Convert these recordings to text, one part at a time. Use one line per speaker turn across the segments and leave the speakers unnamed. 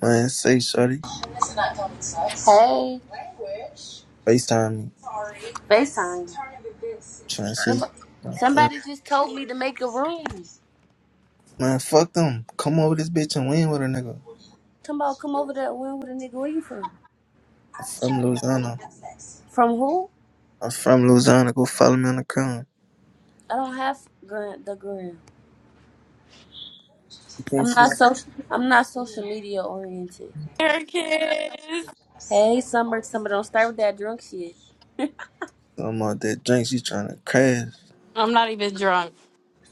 Man, say shorty.
This is not common sense. Hey,
FaceTime me.
Sorry. FaceTime.
Trying to see what- yeah.
Somebody just told me to make a room.
Man, fuck them. Come over this bitch and win with a nigga.
Come on, come over there room with a nigga. Where you from?
I'm from Louisiana.
From who?
I'm from Louisiana. Go follow me on the crown.
I don't have grand the gram.
You can't
I'm
see
not
my
social. I'm not social media oriented.
Americans.
Hey, summer, summer, don't start with that drunk shit.
I'm out there drink. She trying to crash.
I'm not even drunk.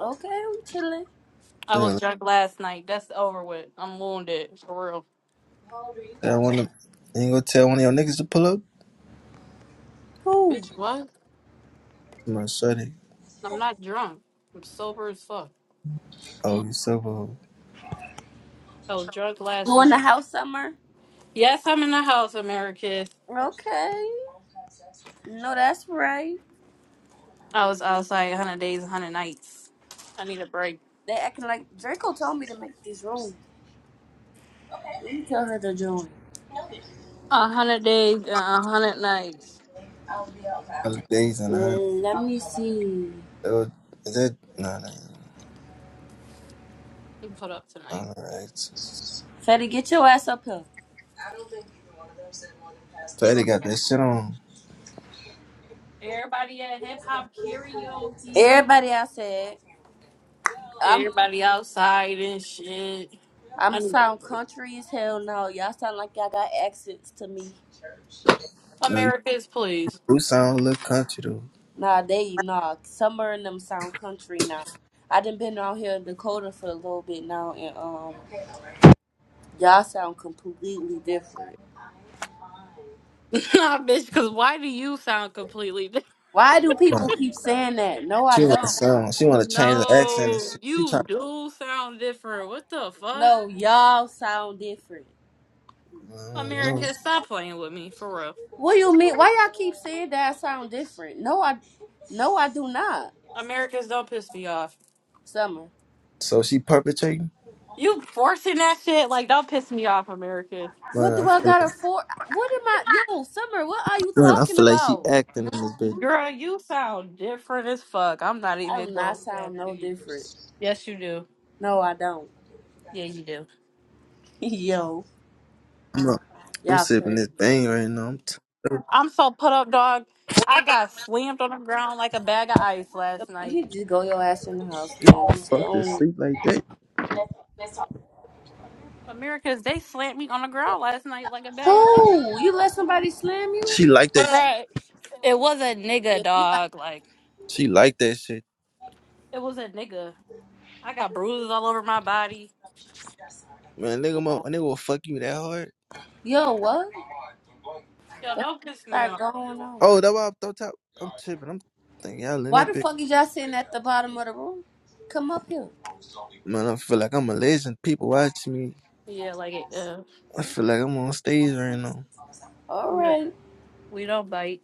Okay, I'm chilling.
I
Yeah,
was drunk last night. That's over with. I'm wounded for real.
tell one of you ain't gonna tell one of your niggas to pull up?
Who?
Bitch, what?
My shorty.
I'm not drunk. I'm sober as fuck.
Oh, you so bold.
I was drunk last
You in the
night.
house, summer?
Yes, I'm in the house, Americans.
Okay. No, that's right.
I was outside 100 days, 100 nights. I need a break.
They acting like Draco told me to make this room. Let me tell her to join.
100 days and 100 nights.
Hundred days and a hundred
Let me see.
oh, is that nah nah. nah.
We put up
I
tonight.
don't know. It's just-
Fetty, get your ass up here.
Fatty got that shit on.
Everybody at hip hop karaoke.
Everybody outside. I'm
Everybody outside and shit.
I'm
I need a
sound
break.
country as hell now. Y'all sound like y'all got accents to me.
You, know, you
Americans, please.
do sound a little country though.
Nah, they nah. Somewhere in them sound country now. I done been out here in Dakota for a little bit now, and um, y'all sound completely different.
nah, bitch, because why do you sound completely different?
Why do people keep saying that? No, I
She want to
don't.
sound. She want to change the accent. and
No,
shit. She
you
trying.
do sound different. What the fuck?
No, y'all sound different.
I don't know.
Americans, stop playing with me, for real.
What do you mean? Why y'all keep saying that I sound different? No, I, no, I do not.
Americans, don't piss me off.
Summer,
So she perpetrating.
You forcing that shit, like, don't piss me off, Americans.
Man,
what
I
do I
feel
got
like,
to for? What am I? Yo, Summer, what are you
man, I
talking
feel like she
about?
acting in this bitch.
Girl, you sound different as fuck. I'm not
I
even
do not
going that.
sound no
deep.
different.
Yes, you do.
No, I don't.
Yeah, you do.
yo,
I'm, not- I'm
y'all
sipping
crazy.
this thing right now. I'm t-
I'm so put up, dog. I got slammed on the ground like a bag of ice last
You
night.
need to just go your ass in the house, man. Just
fuck to
go.
sleep like that.
Americans, they slammed me on the ground last night like a bag of ice.
Who? You let somebody slam you?
She like that. Shit.
Right. It was a
Yeah,
nigga,
she
dog.
like.
Like,
She like that shit.
it was a nigga. I got bruises all over my body.
Man, nigga, mo,
nah.
nigga will fuck you that hard.
Yo, what? The
Yo,
fuck
don't piss me
start
off.
going on?
Oh, that why I'm throw top. I'm tripping. I'm thinking y'all in
Why
that
the
bitch.
fuck is y'all sitting at the bottom of the room? Come up here.
Man, I feel like I'm a legend. People watch me.
Yeah, like, it, uh,
I feel like I'm on stage right now.
All
we,
right.
we don't bite.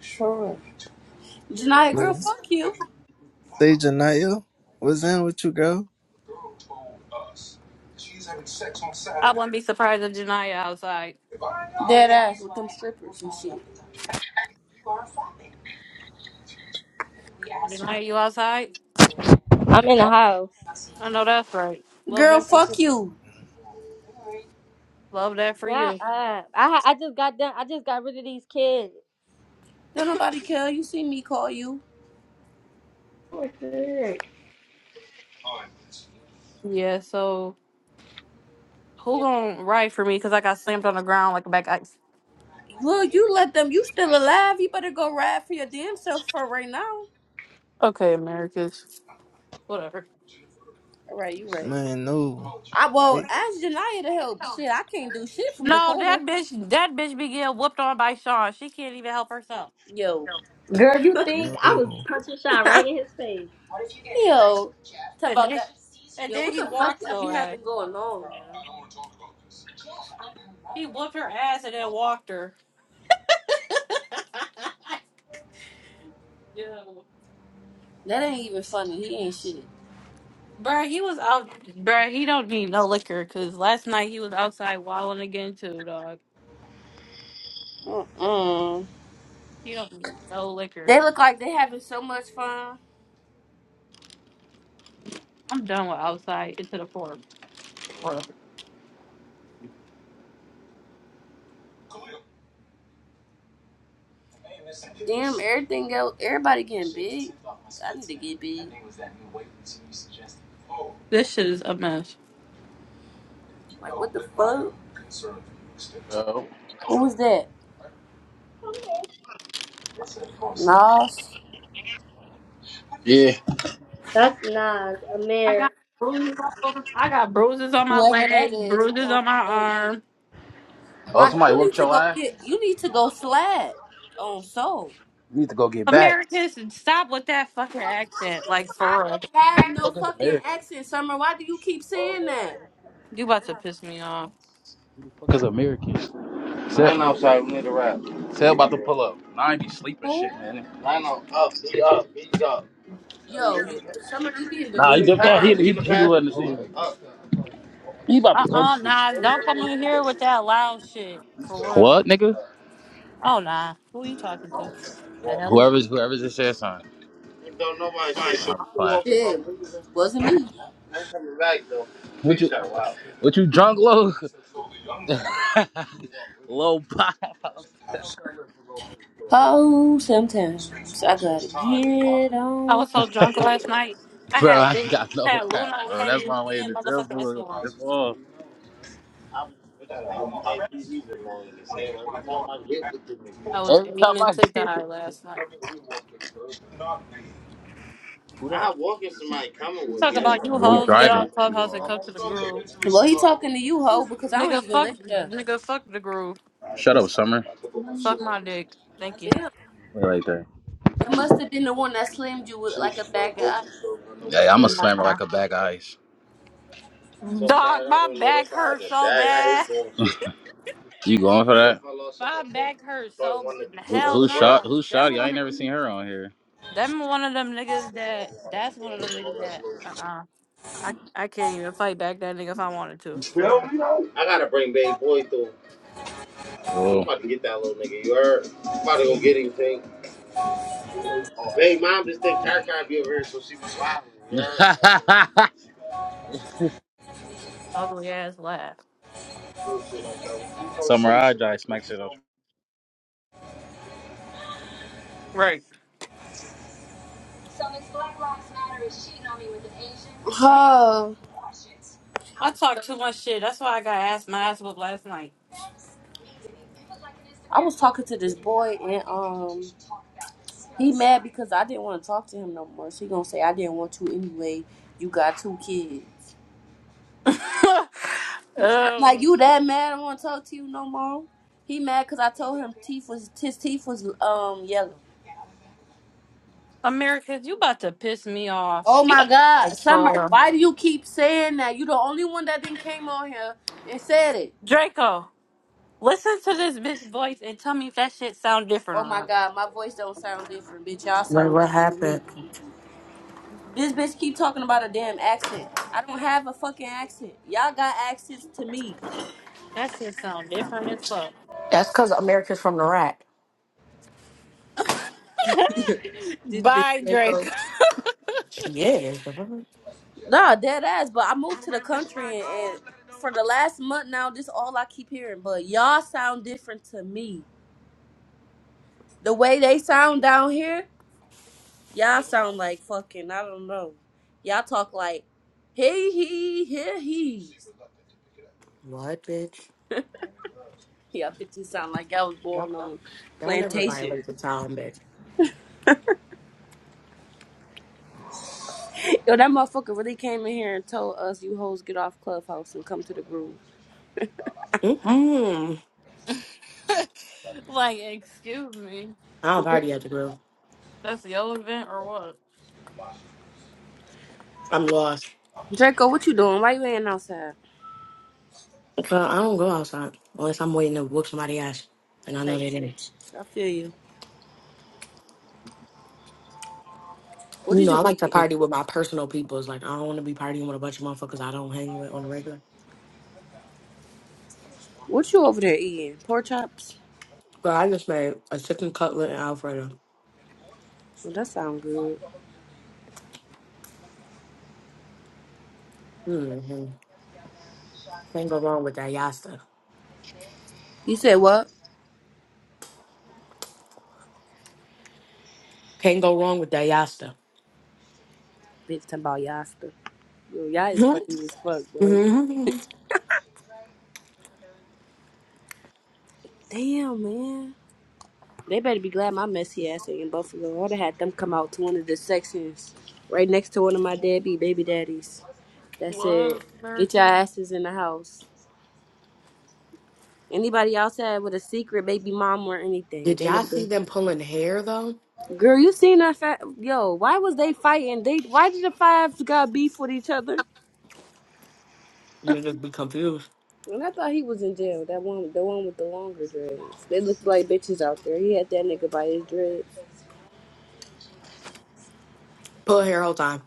Sure. Janaya, girl,
Man,
fuck you.
stage Anaya, what's down with you, girl?
I wouldn't be surprised if Janaya outside.
Dead ass with them strippers and shit.
Janaya, you outside?
I'm in the house.
I know that's right. Love
Girl,
that for you.
fuck you.
Love that for
Shut
you.
up. I I just got done. I just got rid of these kids.
Don't nobody care. You see me call you.
Yeah, so who gonna ride for me? Because I got slammed on the ground like a back ice.
Look, you let them. You still alive. You better go ride for your damn self for right now.
Okay, Americas. Whatever.
All right, you right.
Man, no.
I well
Wait
ask Janaya to help. Shit, I can't do shit from
No, that
Dakota.
bitch, that bitch be getting whooped on by Sean. She can't even help herself.
Yo.
Girl, you think I was
no.
punching Sean right in his face?
Yo. Talk
And
about
then,
that.
and
Yo,
then
what
he
the fuck
walked
y'all be
her ass.
having going on? man?
He whooped her ass and then walked her. Yo.
That ain't even funny. He ain't shit.
Bruh, he was out. Bruh, he don't need no liquor because last night he was outside wilding again too, dog.
Mm-mm.
He don't need no liquor.
They look like they having so much fun.
I'm done with outside into the forest. bruh.
Damn, everything else, everybody getting big. I need to get big.
This shit is a mess.
Like, what the fuck?
Oh,
Who was that? Nas?
yeah.
That's not a
I got
man.
bruises all over. I got bruises on my
Whoever that
leg,
is. I
bruises
don't
on my
know you.
arm.
Oh,
Why?
somebody
You need
whooped
to
your
go
ass?
get, you need to go slap on soul.
You need to go get back. Who
Americans, stop with that fucking accent. Like,
I
for real.
don't have
the
no
fuck is
fucking
Americans?
accent, Summer. Why do you keep saying that?
You about to piss me off.
Who the fuck is Americans? Set, Line Tell, outside, we need to rap. Tell about to pull up. Nah, I be sleeping shit,
Who?
man. Line out, up, he up, he's up.
Yo, you, Summer, you did to
Nah,
lose
he Get his just thought he pass, he get he he pass. wasn't Oh, season. up. He about
Uh
to go to
uh
sleep.
nah, don't come in here with that loud shit. For real.
What, nigga?
Oh nah. Who you talking to? The hell?
Whoever's whoever's just said something. And Don't nobody shoot. Nah, I'm I'm playing. walking from
shit.
losing.
Wasn't me.
I ain't coming back though. What Big you shot, wow. what you drunk, low? low pop.
Oh, sometimes I gotta get
I
on.
was so drunk last night. I
Bro,
had
I
Lu-
ain't got
I
no
had
rap,
Luna
bro.
had
That's
me
my way
seeing
to tell
motherfucking
for
Esteban.
the ball. I'm with this nigga JP. He's annoying as hell. Every time I get with the nigga,
I was
Every time
aiming
I
to
get
die last night.
who I that? walk in somebody coming
You
with
talk
me. I'm
about
like,
you
Hey, we bro,
hoes, get
driving.
off
You,
clubhouse and come
uh,
to the groove.
Well, he talking to you, ho, because I
Nigga
don't even
fuck
live there.
nigga fuck the groove.
shut up, Summer.
Suck my dick. Thank you.
Damn,
Wait right there.
that must have been the one that slammed you with like a bag of ice.
Hey, I'm a slammer
Nah.
like a bag of ice. so fried. I
Dog,
don't
my
even know. That's
back
I had
hurts
the
so
bag. I
bad.
hate doing shit. You going for What if that? I lost something
My
important?
back hurts
But
so
one
bad.
of the Who, one who of the
Hell no.
shot?
Nah.
Who
That
shot? you? I ain't never
one.
seen her on here.
Them one of them niggas that that's one of them niggas that uh uh I I can't even fight back that nigga if I wanted to for real.
I gotta bring Babe Boy through. Whoa. I'm about to get that little nigga. You heard? I'm about to go get him thing. Oh, Babe, mom just think Car Car be over here, so she be wild. You heard?
Ugly ass laugh.
Summer I dry smack shit up.
Right. I,
Ho,
I talk too much shit. That's why I got ass my ass whooped last night.
I was talking to this boy and um, he mad because I didn't want to talk to him no more. So he gonna say I didn't want to anyway. You got two kids. Like
um,
you that mad? I don't want to talk to you no more. He mad because I told him teeth was his teeth was um yellow.
America, you about to piss me off.
Oh my God,
Like
Summer,
for real.
why do you keep saying that? You the only one that didn't came on here and said it.
Draco, listen to this bitch voice and tell me if that shit sound different
Oh
or
my
not.
God, my voice don't sound different, bitch. Y'all
Wait,
sound
what
different to
happened?
me. This bitch keep talking about a damn accent. I don't have a fucking accent. Y'all got accents to me.
That shit sound different as fuck.
That's because America's from the rack.
This bitch.
Bye, Draco.
She is.
Nah, dead ass. But I moved to the country and, and for the last month now, this all I keep hearing. But y'all sound different to me. The way they sound down here. Y'all sound like fucking, I don't know. Y'all talk like, hey, he, here, he.
What, bitch?
Y'all bitches sound like y'all was
Don't,
born on
don't ever
plantation.
violate the time, bitch.
Yo, that motherfucker really came in here and told us you hoes get off Clubhouse and come to the groove.
Mm-mm.
like, excuse me.
I don't
Dr-
party at the grill.
That's your event or what?
I'm lost.
Draco, what you doing? Why you ain't outside?
Girl, I don't go outside unless I'm waiting to whoop somebody ass. And I know
Type
they
shit.
didn't.
I feel you. What
You
is
know, I
you
like to
eating?
party with my personal people. It's like, I don't want to be partying with a bunch of motherfuckers I don't hang with on the regular.
What you over there eating? Pork chops?
But I just made a chicken cutlet and Alfredo.
Well, that sound good.
Mm-hmm. Can't go wrong with that yasta.
You said what?
Can't go wrong with that yasta.
Bitch, talking about Yasta. Yo, y'all is funny as fuck, bro.
Mm-hmm.
Damn, man. They better be glad my messy ass ain't in Buffalo. I would have had them come out to one of the sections right next to one of my deadbeat baby daddies. That's it.
What,
Get your
American?
asses in the house. Anybody outside with a secret baby mom or anything,
Did
they would
y'all
have
see
been.
them pulling hair though?
Girl, you seen that fat? Yo, why was they fighting? They why did the fives got beef with each other?
I'm gonna just be confused.
And I thought he was in jail. That one, the one with the longer dreads. They looked like bitches out there. He had that nigga by his dread.
Pull hair whole time.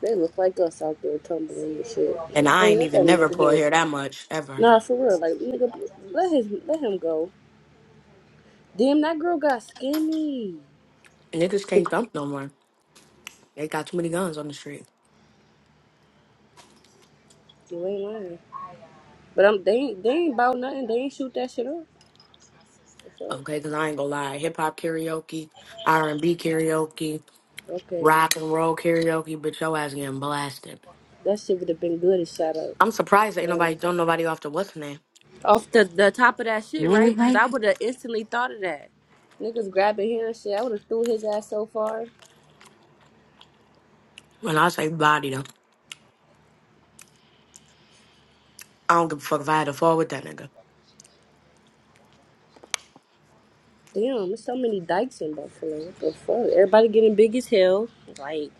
They look like us out there tumbling and shit.
And
Like, not
I ain't
let that
even never
nigga
pull
here.
hair that much ever.
Nah, for real. Like, nigga, let his let him go. Damn, that girl got skinny.
Niggas can't thump no more. They got too many guns on the street.
You ain't lying. But I'm they ain't they ain't about nothing. They ain't shoot that shit up. What's up?
Okay, cause I ain't gonna lie. Hip hop karaoke, R and B karaoke,
Okay,
rock and roll karaoke, but your ass getting blasted.
that shit would have been good if shot up.
I'm surprised that ain't
So,
nobody don't nobody off the what's her name.
off the the top of that shit, right? Because I
Mm-hmm.
would have instantly thought of that. Niggas grabbing hair and shit. I would have threw his ass so far.
When I say body though, I don't give a fuck if I had to fall with that nigga.
Damn, there's so many dykes in Buffalo. What the fuck? Everybody getting big as hell. Like.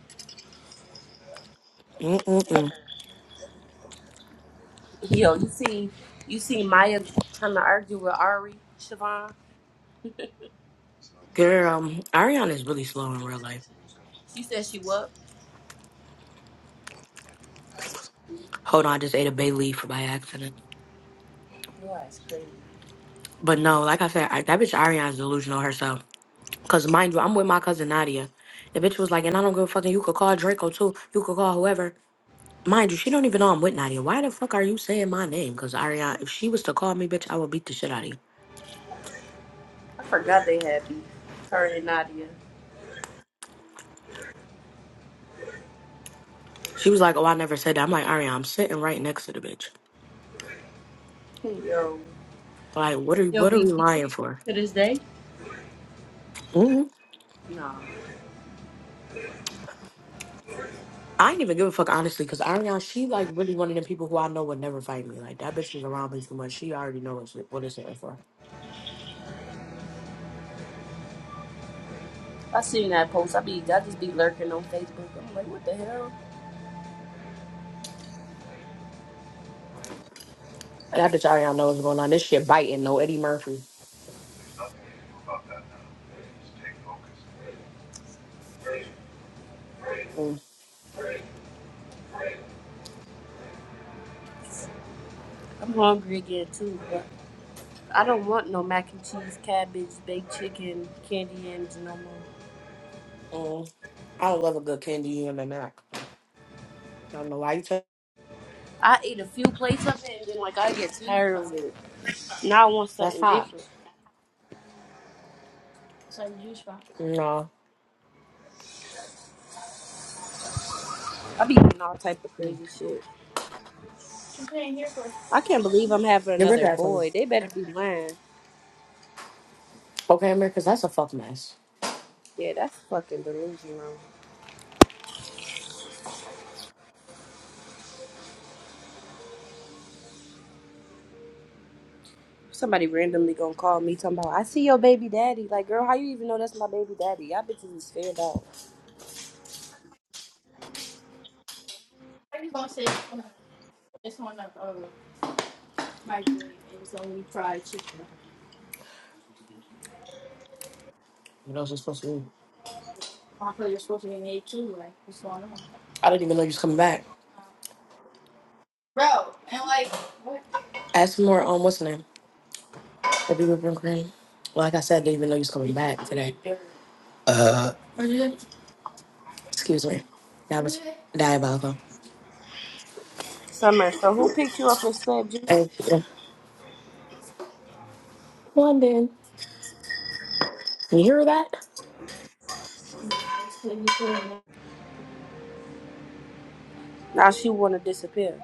Mm-mm-mm.
Yo, you see, you see Maya trying to argue with Ari Siobhan.
Girl, um, Ariana's really slow in real life.
She said she what?
Hold on, I just ate a bay leaf by accident.
Boy, that's crazy.
But no, like I said, I, that bitch Ariana's delusional herself. Cause mind you, I'm with my cousin Nadia. The bitch was like, and I don't give a fucking. You could call Draco too. You could call whoever. Mind you, she don't even know I'm with Nadia. Why the fuck are you saying my name? Cause Ariana, if she was to call me bitch, I would beat the shit out of you.
I forgot they had beef. Her and Nadia.
She was like, oh, I never said that. I'm like, Ariana, I'm sitting right next to the bitch.
Yo,
Like,
they
what are
still
what are
be
we lying
beefing
for?
to this day.
hmm
No,
I ain't even give a fuck honestly, cause Ariana, she like really one of them people who I know would never fight me. Like that bitch is around me too much. She already knows what it's in for.
I seen that post. I be, I just be lurking on Facebook. I'm like, what the hell?
I bet y'all y'all know what's going on. This shit biting, no Eddie Murphy. Mm,
I'm hungry again too, but I don't want no mac and cheese, cabbage, baked chicken, candy yams no more.
mm. I love a good candy in the neck. I don't know why you took
I eat a few plates of it, and then like I get tired of it. Now I want
That's
something
hot.
different.
No.
I be doing all type of
Mm.
crazy shit. I can't believe I'm having
Get rid
another
of that for me.
boy. They better be lying.
Okay, America, because that's a fuck mess.
Yeah, that's fucking delusional. Somebody randomly gonna call me talking about I see your baby daddy. Like, girl, how you even know that's my baby daddy? Y'all bitches is fanned out.
What else is supposed to be? I didn't even know you was coming back. Add some more, um, what's the name? Baby whipping cream. Like I said, I didn't even know you was coming back today. Excuse me. That was diabolical.
Summer, so who picked you up and slapped you?
Hey, yeah. London. You hear that?
Now she wanna disappear.